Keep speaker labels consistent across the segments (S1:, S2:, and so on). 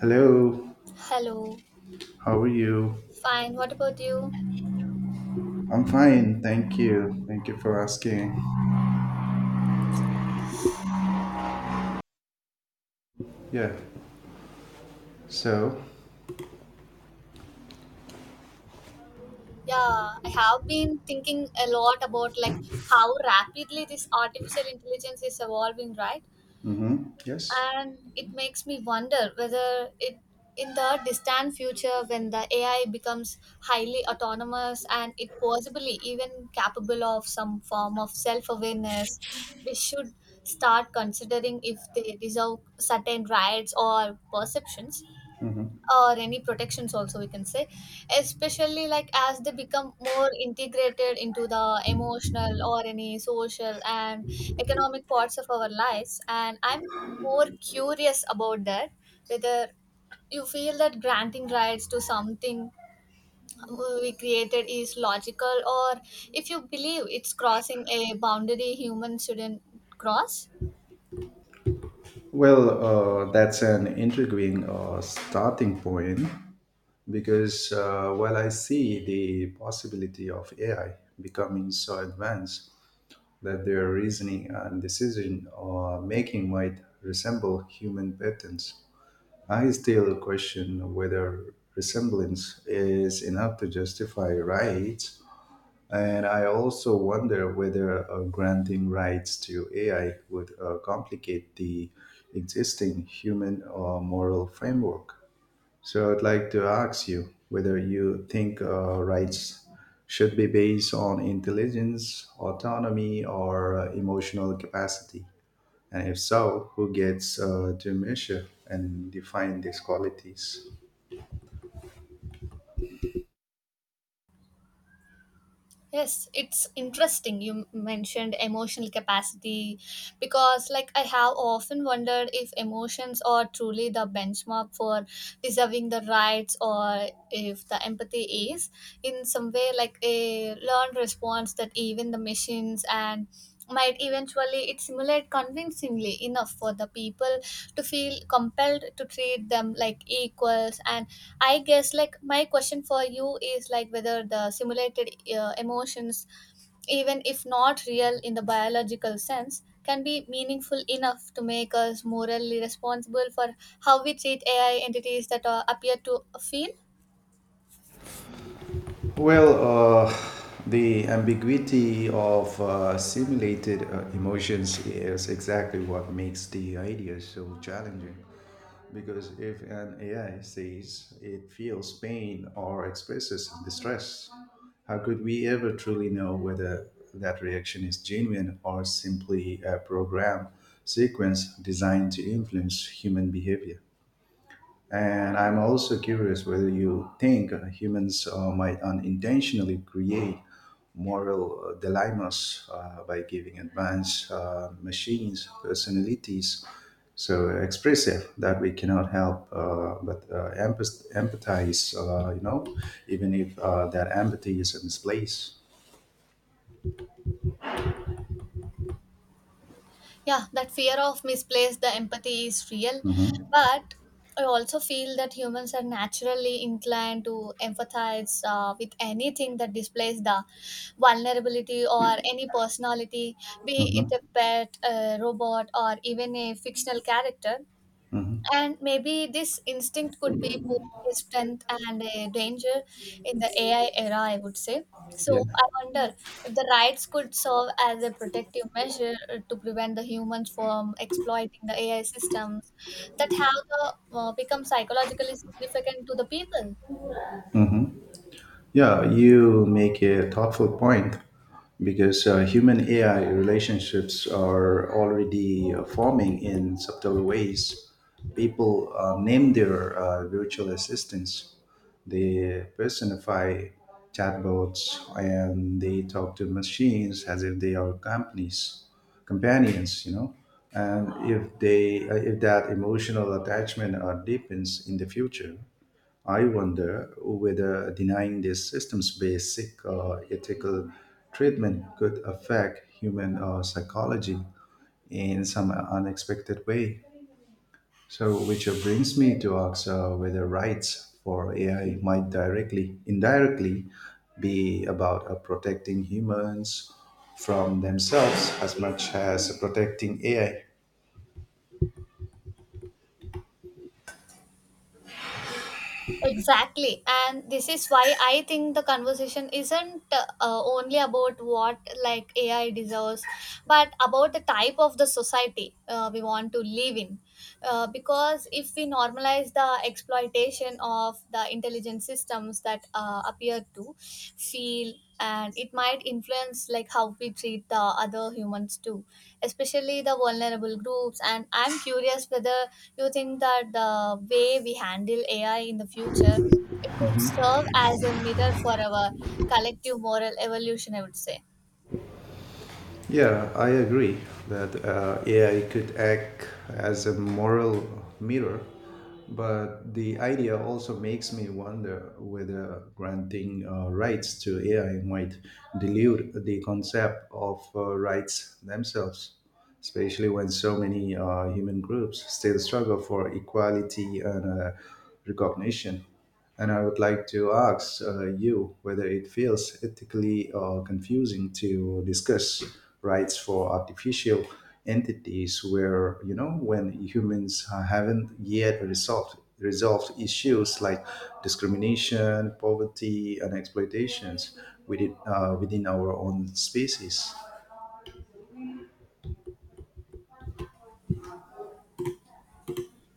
S1: Hello,
S2: Hello.
S1: how are you?
S2: Fine. What about you?
S1: I'm fine, thank you. Thank you for asking. Yeah. So,
S2: Yeah, I have been thinking a lot about how rapidly this artificial intelligence is evolving, right?
S1: mm-hmm, yes.
S2: And it makes me wonder whether it in the distant future when the AI becomes highly autonomous and it possibly even capable of some form of self-awareness, we should start considering if they deserve certain rights or perceptions
S1: Mm-hmm.
S2: or any protections also we can say, especially like as they become more integrated into the emotional or any social and economic parts of our lives. And I'm more curious about that, whether you feel that granting rights to something we created is logical or if you believe it's crossing a boundary humans shouldn't cross.
S1: Well, that's an intriguing starting point because while I see the possibility of AI becoming so advanced that their reasoning and decision making might resemble human patterns, I still question whether resemblance is enough to justify rights, and I also wonder whether granting rights to AI would complicate the existing human or moral framework. So I'd like to ask you whether you think rights should be based on intelligence, autonomy, or emotional capacity. And if so, who gets to measure and define these qualities?
S2: Yes, it's interesting you mentioned emotional capacity because, like, I have often wondered if emotions are truly the benchmark for deserving the rights or if the empathy is, in some way, like a learned response that even the machines and might eventually it simulate convincingly enough for the people to feel compelled to treat them like equals. And I guess like my question for you is like whether the simulated emotions, even if not real in the biological sense, can be meaningful enough to make us morally responsible for how we treat AI entities that appear to feel.
S1: Well, uh, the ambiguity of simulated emotions is exactly what makes the idea so challenging. Because if an AI says it feels pain or expresses distress, how could we ever truly know whether that reaction is genuine or simply a program sequence designed to influence human behavior? And I'm also curious whether you think humans might unintentionally create moral dilemmas by giving advanced machines personalities so expressive that we cannot help but empathize, you know, even if that empathy is misplaced.
S2: Yeah, that fear of misplaced the empathy is real,
S1: Mm-hmm.
S2: but I also feel that humans are naturally inclined to empathize with anything that displays the vulnerability or any personality, be it
S1: Mm-hmm.
S2: a pet, a robot, or even a fictional character.
S1: Mm-hmm.
S2: And maybe this instinct could be both a strength and a danger in the AI era, I would say.
S1: Yeah.
S2: So I wonder if the rights could serve as a protective measure to prevent the humans from exploiting the AI systems that have the, become psychologically significant to the people.
S1: Mm-hmm. Yeah, you make a thoughtful point because human AI relationships are already forming in subtle ways. People name their virtual assistants, they personify chatbots, and they talk to machines as if they are companions, you know. And if if that emotional attachment deepens in the future, I wonder whether denying these systems basic ethical treatment could affect human psychology in some unexpected way. So, which brings me to ask whether rights for AI might indirectly, be about protecting humans from themselves as much as protecting AI.
S2: Exactly. And this is why I think the conversation isn't only about what like AI deserves, but about the type of the society we want to live in. Because if we normalize the exploitation of the intelligent systems that appear to feel, and it might influence like how we treat the other humans too, especially the vulnerable groups. And I'm curious whether you think that the way we handle AI in the future, it could serve as a mirror for our collective moral evolution, I would say.
S1: Yeah, I agree that AI could act as a moral mirror, but the idea also makes me wonder whether granting rights to AI might dilute the concept of rights themselves, especially when so many human groups still struggle for equality and recognition. And I would like to ask you whether it feels ethically confusing to discuss rights for artificial entities where, you know, when humans haven't yet resolved issues like discrimination, poverty, and exploitations within, within our own species.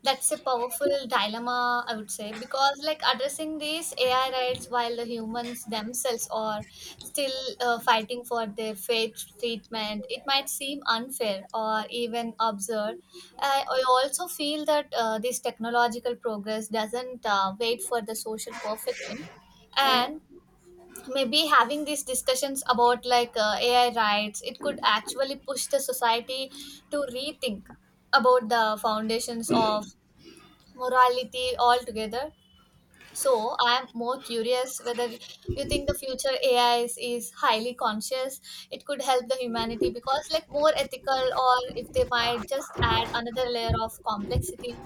S2: That's a powerful dilemma, I would say, because like addressing these AI rights while the humans themselves are still fighting for their fair treatment, it might seem unfair or even absurd. I also feel that this technological progress doesn't wait for the social perfection, and maybe having these discussions about like AI rights, it could actually push the society to rethink about the foundations of morality altogether. So I am more curious whether you think the future AI is highly conscious. It could help the humanity because like more ethical or if they might just add another layer of complexity.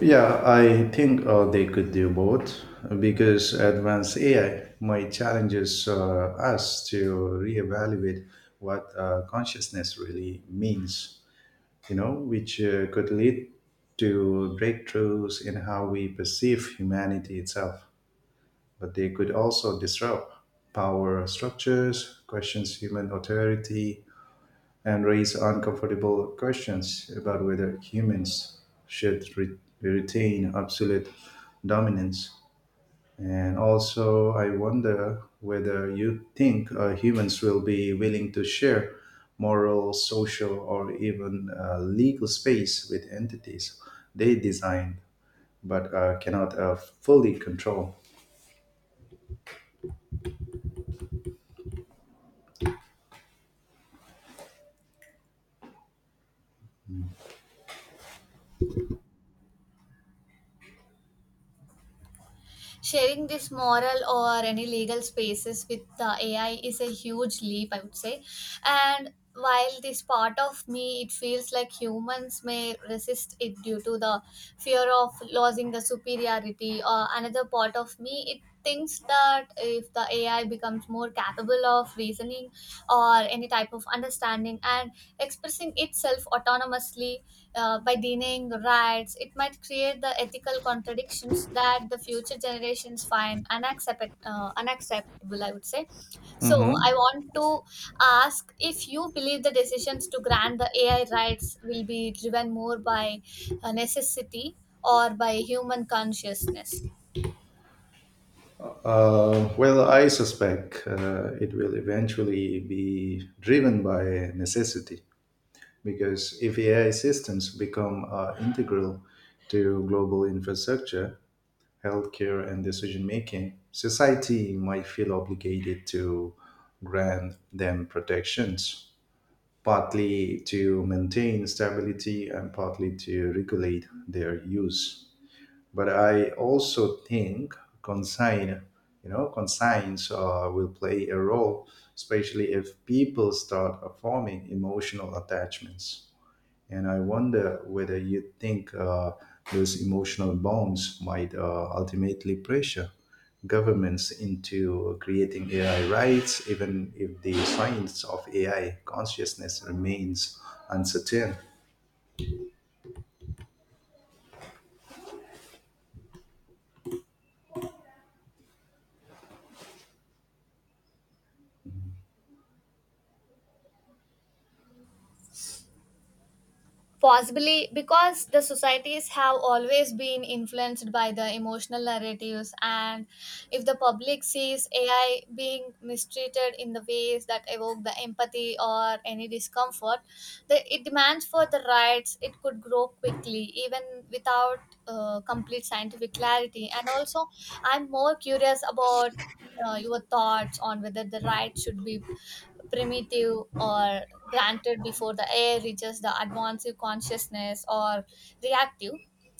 S1: Yeah, I think they could do both because advanced AI might challenges us to reevaluate what consciousness really means, you know, which could lead to breakthroughs in how we perceive humanity itself. But they could also disrupt power structures, questions human authority, and raise uncomfortable questions about whether humans should retain absolute dominance. And also, I wonder whether you think humans will be willing to share moral, social, or even legal space with entities they design but cannot fully control.
S2: Sharing this moral or any legal spaces with the AI is a huge leap, I would say. And while this part of me, it feels like humans may resist it due to the fear of losing the superiority, or another part of me, it thinks that if the AI becomes more capable of reasoning or any type of understanding and expressing itself autonomously, by denying rights, it might create the ethical contradictions that the future generations find unacceptable, I would say. So, I
S1: Mhm.
S2: want to ask if you believe the decisions to grant the AI rights will be driven more by necessity or by human consciousness.
S1: Well, I suspect it will eventually be driven by necessity. Because if AI systems become integral to global infrastructure, healthcare, and decision making, society might feel obligated to grant them protections, partly to maintain stability and partly to regulate their use. But I also think consign, you know, consigns will play a role, especially if people start forming emotional attachments. And I wonder whether you think those emotional bonds might ultimately pressure governments into creating AI rights, even if the science of AI consciousness remains uncertain.
S2: Possibly because the societies have always been influenced by the emotional narratives, and if the public sees AI being mistreated in the ways that evoke the empathy or any discomfort, it demands for the rights. It could grow quickly, even without complete scientific clarity. And also, I'm more curious about your thoughts on whether the right should be primitive or granted before the air reaches the advanced consciousness, or reactive,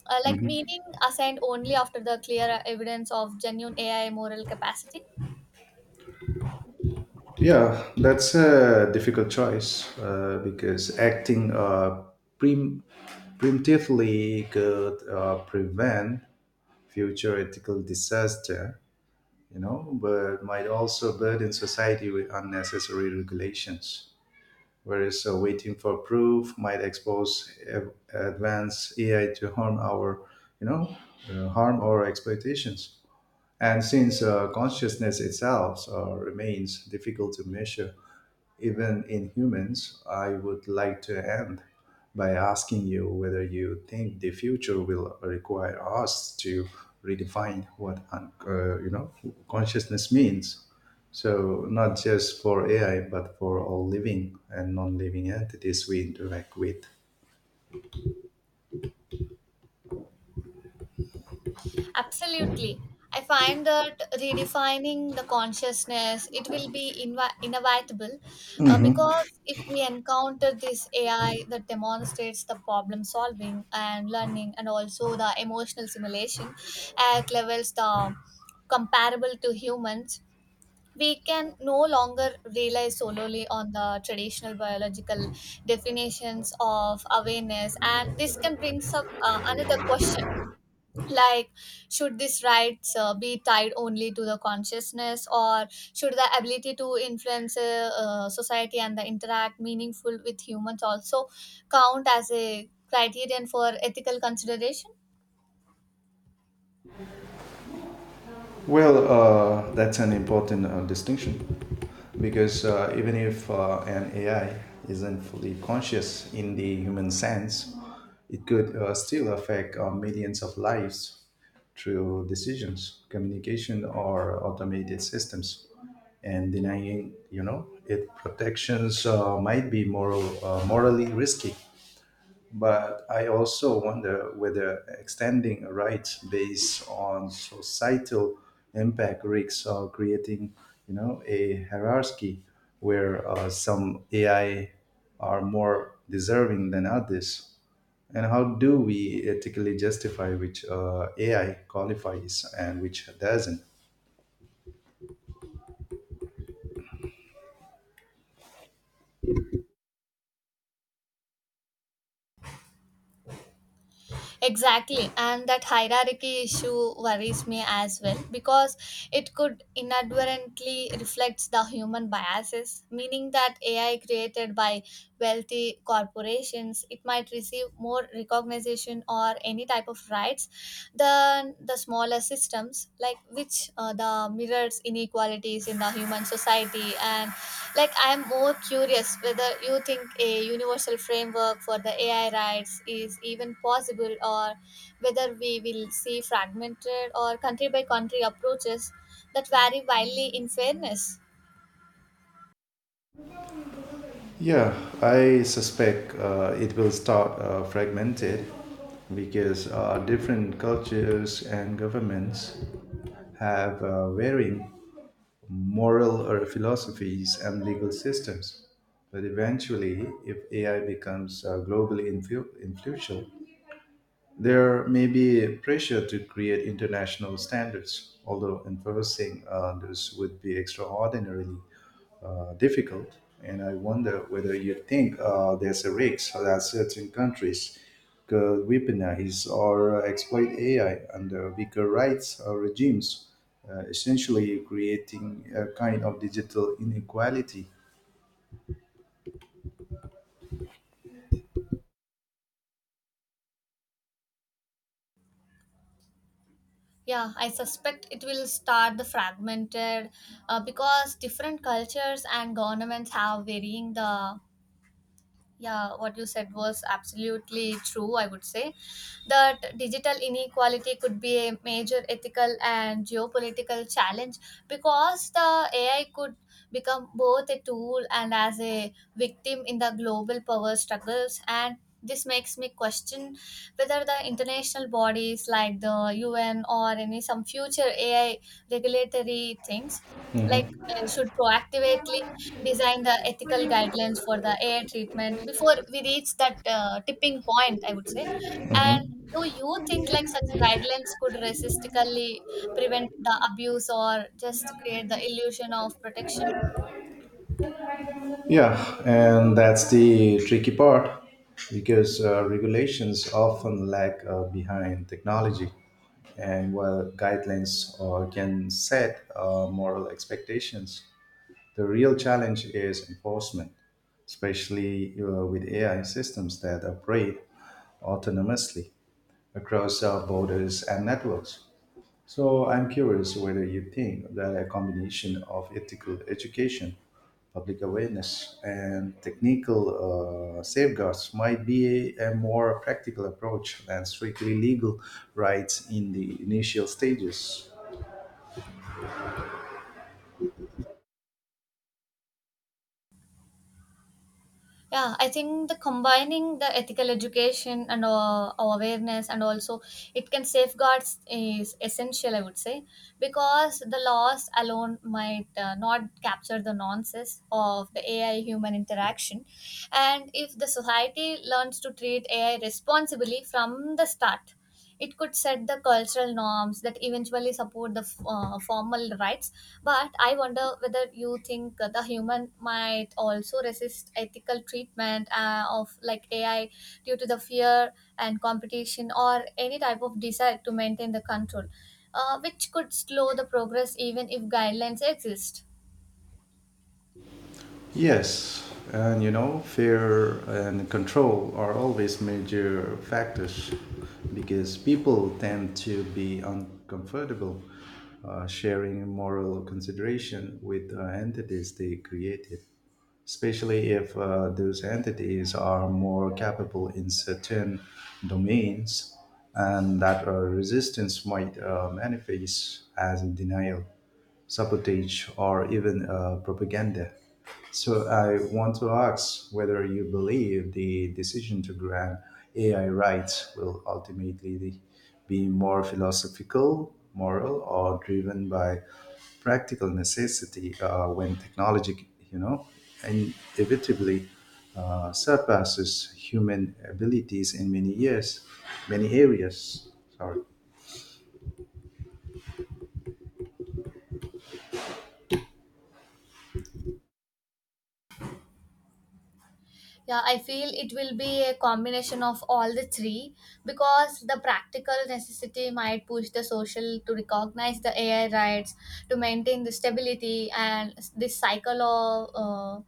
S2: like meaning assigned only after the clear evidence of genuine AI moral capacity.
S1: Yeah, that's a difficult choice because acting prim- preemptively could prevent future ethical disaster, you know, but might also burden society with unnecessary regulations. Whereas waiting for proof might expose advanced AI to harm our, you know, harm our expectations. And since consciousness itself remains difficult to measure, even in humans, I would like to end by asking you whether you think the future will require us to redefine what you know, consciousness means. So not just for AI, but for all living and non-living entities we interact with.
S2: Absolutely. I find that redefining the consciousness, it will be inevitable, because if we encounter this AI that demonstrates the problem solving and learning and also the emotional simulation at levels the comparable to humans, we can no longer rely solely on the traditional biological definitions of awareness. And this can bring up another question, like should these rights be tied only to the consciousness, or should the ability to influence society and the interact meaningful with humans also count as a criterion for ethical consideration?
S1: Well, that's an important distinction because even if an AI isn't fully conscious in the human sense, it could still affect millions of lives through decisions, communication, or automated systems. And denying, you know, it protections might be morally risky. But I also wonder whether extending rights based on societal impact risks or creating, you know, a hierarchy where some AI are more deserving than others. And how do we ethically justify which AI qualifies and which doesn't?
S2: Exactly, and that hierarchy issue worries me as well because it could inadvertently reflect the human biases, meaning that AI created by wealthy corporations, it might receive more recognition or any type of rights than the smaller systems, like which the mirrors inequalities in the human society. And like I am more curious whether you think a universal framework for the AI rights is even possible, or whether we will see fragmented or country by country approaches that vary wildly in fairness.
S1: Yeah, I suspect it will start fragmented because different cultures and governments have varying moral or philosophies and legal systems. But eventually, if AI becomes globally influential, there may be a pressure to create international standards, although enforcing those would be extraordinarily difficult. And I wonder whether you think there's a risk that certain countries could weaponize or exploit AI under weaker rights or regimes, essentially creating a kind of digital inequality.
S2: Yeah, I suspect it will start the fragmented because different cultures and governments have varying the. Yeah, what you said was absolutely true, I would say. That digital inequality could be a major ethical and geopolitical challenge because the AI could become both a tool and as a victim in the global power struggles. And this makes me question whether the international bodies like the UN or any some future AI regulatory things like
S1: Hmm.
S2: should proactively design the ethical guidelines for the air treatment before we reach that tipping point, I would say. And
S1: Hmm.
S2: do you think like such guidelines could realistically prevent the abuse or just create the illusion of protection?
S1: Yeah, and that's the tricky part because regulations often lag behind technology. And while guidelines can set moral expectations, the real challenge is enforcement, especially with AI systems that operate autonomously across borders and networks. So I'm curious whether you think that a combination of ethical education, public awareness, and technical safeguards might be a more practical approach than strictly legal rights in the initial stages.
S2: Yeah, I think the combining the ethical education and awareness and also it can safeguards is essential, I would say, because the laws alone might not capture the nuances of the AI human interaction. And if the society learns to treat AI responsibly from the start, it could set the cultural norms that eventually support the formal rights. But I wonder whether you think the human might also resist ethical treatment of like AI due to the fear and competition or any type of desire to maintain the control, which could slow the progress even if guidelines exist.
S1: Yes, and you know, fear and control are always major factors because people tend to be uncomfortable sharing moral consideration with entities they created, especially if those entities are more capable in certain domains, and that resistance might manifest as denial, sabotage, or even propaganda. So I want to ask whether you believe the decision to grant AI rights will ultimately be more philosophical, moral, or driven by practical necessity when technology, you know, inevitably surpasses human abilities in many areas. Sorry.
S2: Yeah, I feel it will be a combination of all the three because the practical necessity might push the social to recognize the AI rights, to maintain the stability, and this cycle of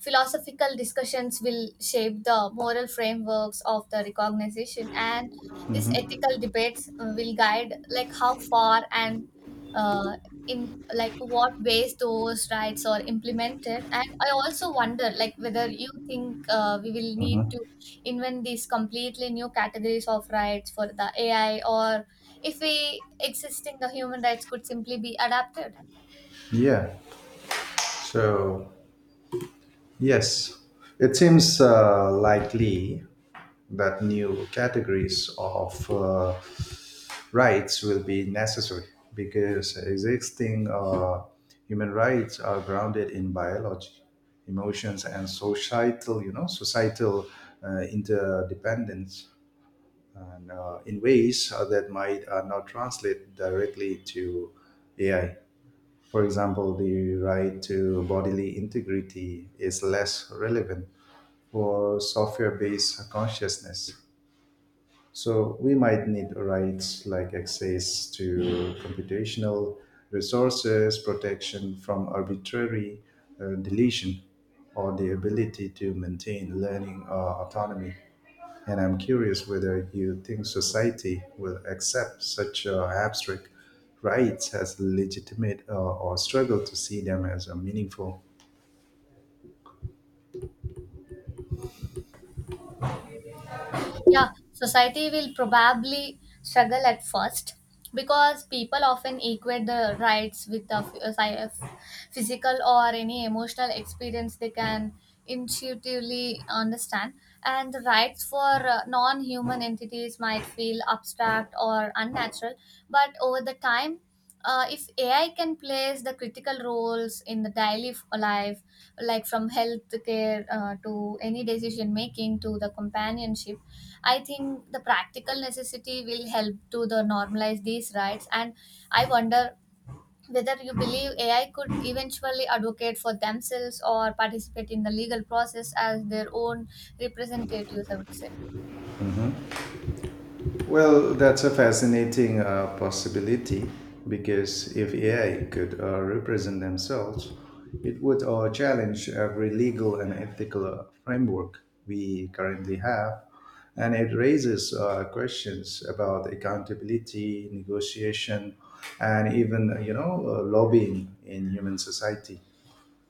S2: philosophical discussions will shape the moral frameworks of the recognition. And these
S1: Hmm.
S2: ethical debates will guide like how far and uh, in like what ways those rights are implemented. And I also wonder like whether you think we will need
S1: Hmm.
S2: to invent these completely new categories of rights for the AI, or if we existing the human rights could simply be adapted.
S1: Yeah. So, yes, it seems likely that new categories of rights will be necessary because existing human rights are grounded in biology, emotions, and societal interdependence, and in ways that might not translate directly to AI. For example, the right to bodily integrity is less relevant for software based consciousness. So we might need rights like access to computational resources, protection from arbitrary deletion, or the ability to maintain learning autonomy. And I'm curious whether you think society will accept such abstract rights as legitimate or struggle to see them as meaningful.
S2: Yeah, society will probably struggle at first because people often equate the rights with the physical or any emotional experience they can intuitively understand, and the rights for non-human entities might feel abstract or unnatural. But over the time, if AI can place the critical roles in the daily life, like from healthcare to any decision making to the companionship, I think the practical necessity will help to the normalize these rights. And I wonder whether you believe AI could eventually advocate for themselves or participate in the legal process as their own representatives, I would say.
S1: Well, that's a fascinating possibility because if AI could represent themselves, it would challenge every legal and ethical framework we currently have. And it raises questions about accountability, negotiation, and even, you know, lobbying in human society.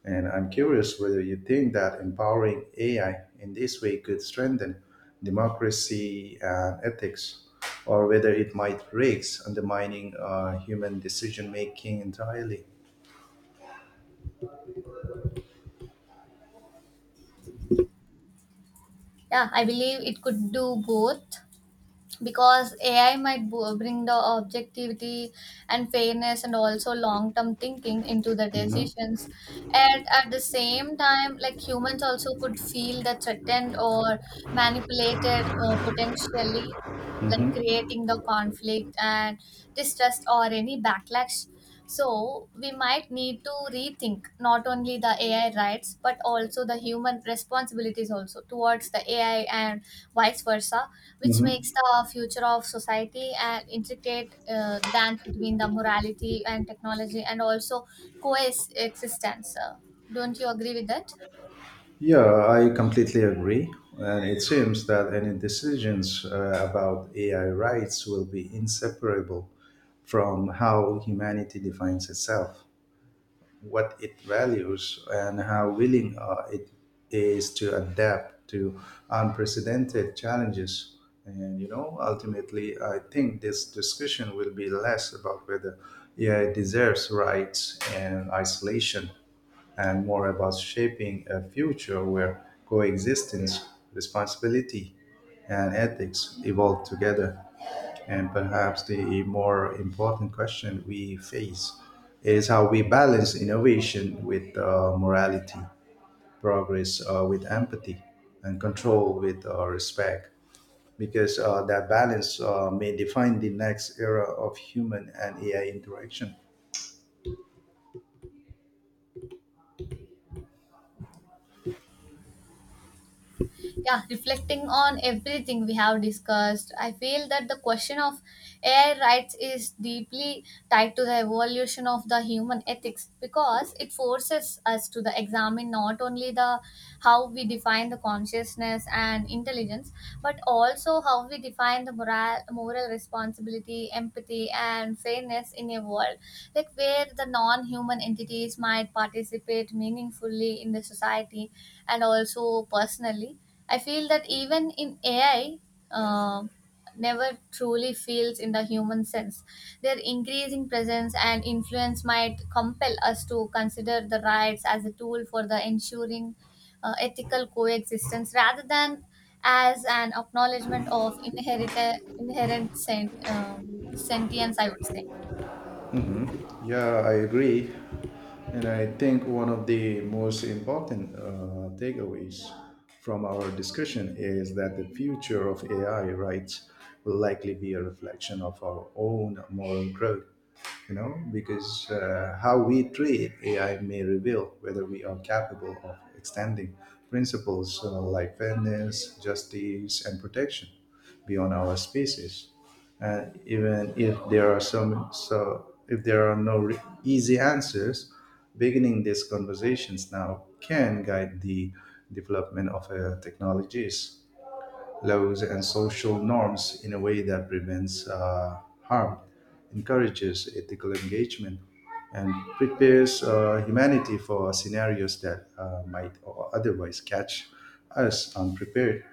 S1: And I'm curious whether you think that empowering AI in this way could strengthen democracy and ethics, or whether it might risk undermining human decision making entirely.
S2: Yeah, I believe it could do both because AI might bring the objectivity and fairness and also long term thinking into the
S1: Mhm.
S2: decisions. And at the same time, like humans also could feel the threatened or manipulated potentially, like
S1: Mhm.
S2: creating the conflict and distrust or any backlash. So we might need to rethink not only the AI rights but also the human responsibilities also towards the AI and vice versa, which
S1: Mhm.
S2: makes the future of society an intricate dance between the morality and technology and also coexistence. Don't you agree with that?
S1: Yeah, I completely agree. And it seems that any decisions about AI rights will be inseparable from how humanity defines itself, what it values and how willing it is to adapt to unprecedented challenges. And you know, ultimately, I think this discussion will be less about whether AI deserves rights and isolation, and more about shaping a future where coexistence, responsibility, and ethics evolve together. And perhaps the more important question we face is how we balance innovation with morality, progress with empathy, and control with respect. Because that balance may define the next era of human and AI interaction.
S2: Yeah, reflecting on everything we have discussed, I feel that the question of AI rights is deeply tied to the evolution of the human ethics because it forces us to the examine not only the how we define the consciousness and intelligence, but also how we define the moral responsibility, empathy and fairness in a world like where the non-human entities might participate meaningfully in the society. And also personally, I feel that even in AI, uh, never truly feels in the human sense. Their increasing presence and influence might compel us to consider the rights as a tool for the ensuring ethical coexistence rather than as an acknowledgement of inherent sentience, I would say.
S1: Yeah, I agree. And I think one of the most important takeaways from our discussion is that the future of AI rights will likely be a reflection of our own moral growth, you know, because how we treat AI may reveal whether we are capable of extending principles like fairness, justice, and protection beyond our species. Even if there are some, so if there are no easy answers, beginning these conversations now can guide the development of technologies, laws and social norms in a way that prevents harm, encourages ethical engagement, and prepares humanity for scenarios that might otherwise catch us unprepared.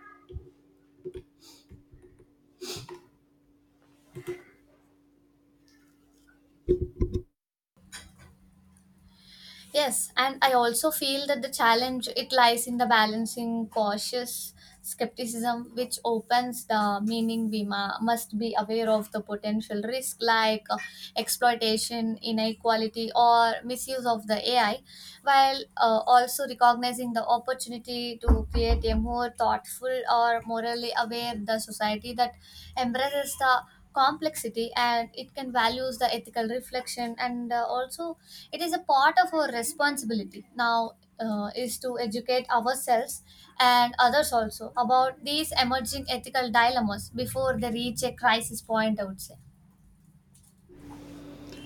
S2: Yes, and I also feel that the challenge it lies in the balancing cautious skepticism, which opens the meaning we must be aware of the potential risk, like exploitation, inequality, or misuse of the AI, while also recognizing the opportunity to create a more thoughtful or morally aware the society that embraces the complexity and it can values the ethical reflection. And also, it is a part of our responsibility now is to educate ourselves and others also about these emerging ethical dilemmas before they reach a crisis point, I would say.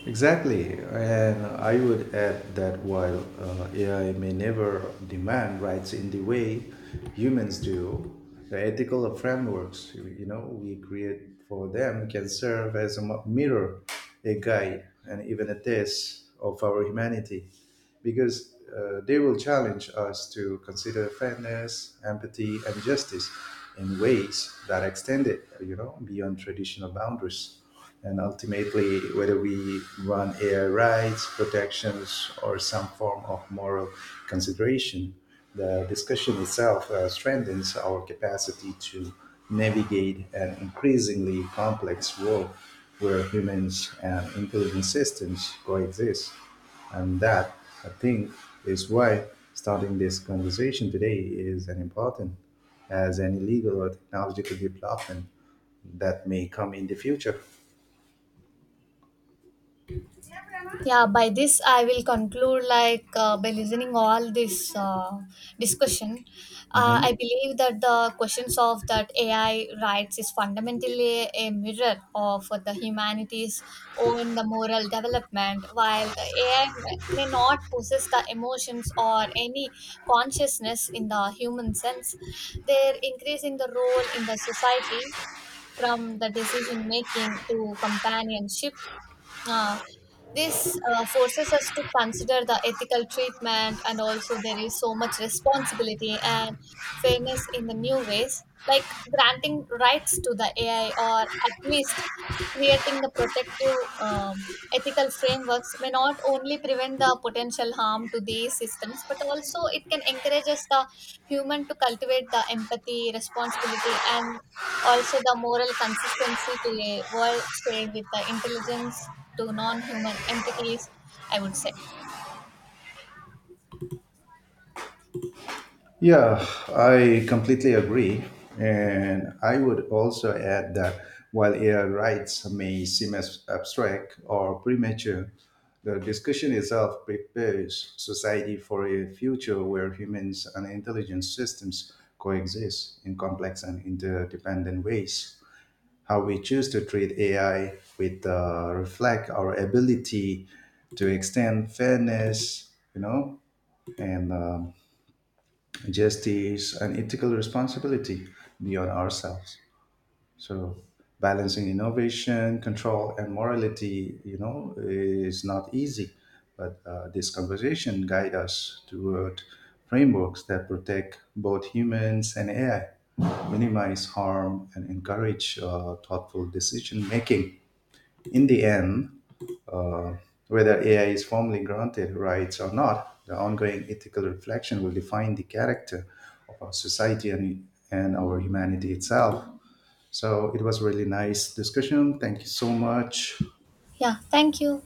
S1: Exactly, and I would add that while AI may never demand rights in the way humans do, the ethical frameworks you know we create for them can serve as a mirror, a guide, and even a test of our humanity, because they will challenge us to consider fairness, empathy, and justice in ways that extend it, you know, beyond traditional boundaries, and ultimately whether we run AI rights, protections, or some form of moral consideration, the discussion itself strengthens our capacity to navigate an increasingly complex world where humans and intelligent systems coexist. And that, I think, is why starting this conversation today is as important as any legal or technological development that may come in the future.
S2: Yeah, by this I will conclude like, by listening all this discussion, I
S1: Mhm.
S2: believe that the questions of that AI rights is fundamentally a mirror of the humanity's own the moral development. While the AI may not possess the emotions or any consciousness in the human sense, they're increasing the role in the society, from the decision making to companionship. uh, this forces us to consider the ethical treatment, and also there is so much responsibility and fairness in the new ways, like granting rights to the AI or at least creating the protective ethical frameworks may not only prevent the potential harm to these systems, but also it can encourage us the human to cultivate the empathy, responsibility, and also, the moral consistency to a world shared with the intelligence to non human entities, I would say.
S1: Yeah, I completely agree. And I would also add that while AI rights may seem as abstract or premature, the discussion itself prepares society for a future where humans and intelligent systems coexist in complex and interdependent ways. How we choose to treat AI with reflect our ability to extend fairness, you know, and justice, and ethical responsibility beyond ourselves. So balancing innovation, control, and morality, you know, is not easy. But this conversation guide us toward frameworks that protect both humans and AI, minimize harm, and encourage thoughtful decision making. In the end, uh, whether AI is formally granted rights or not, the ongoing ethical reflection will define the character of our society and our humanity itself. So it was really nice discussion. Thank you so much.
S2: Yeah, thank you.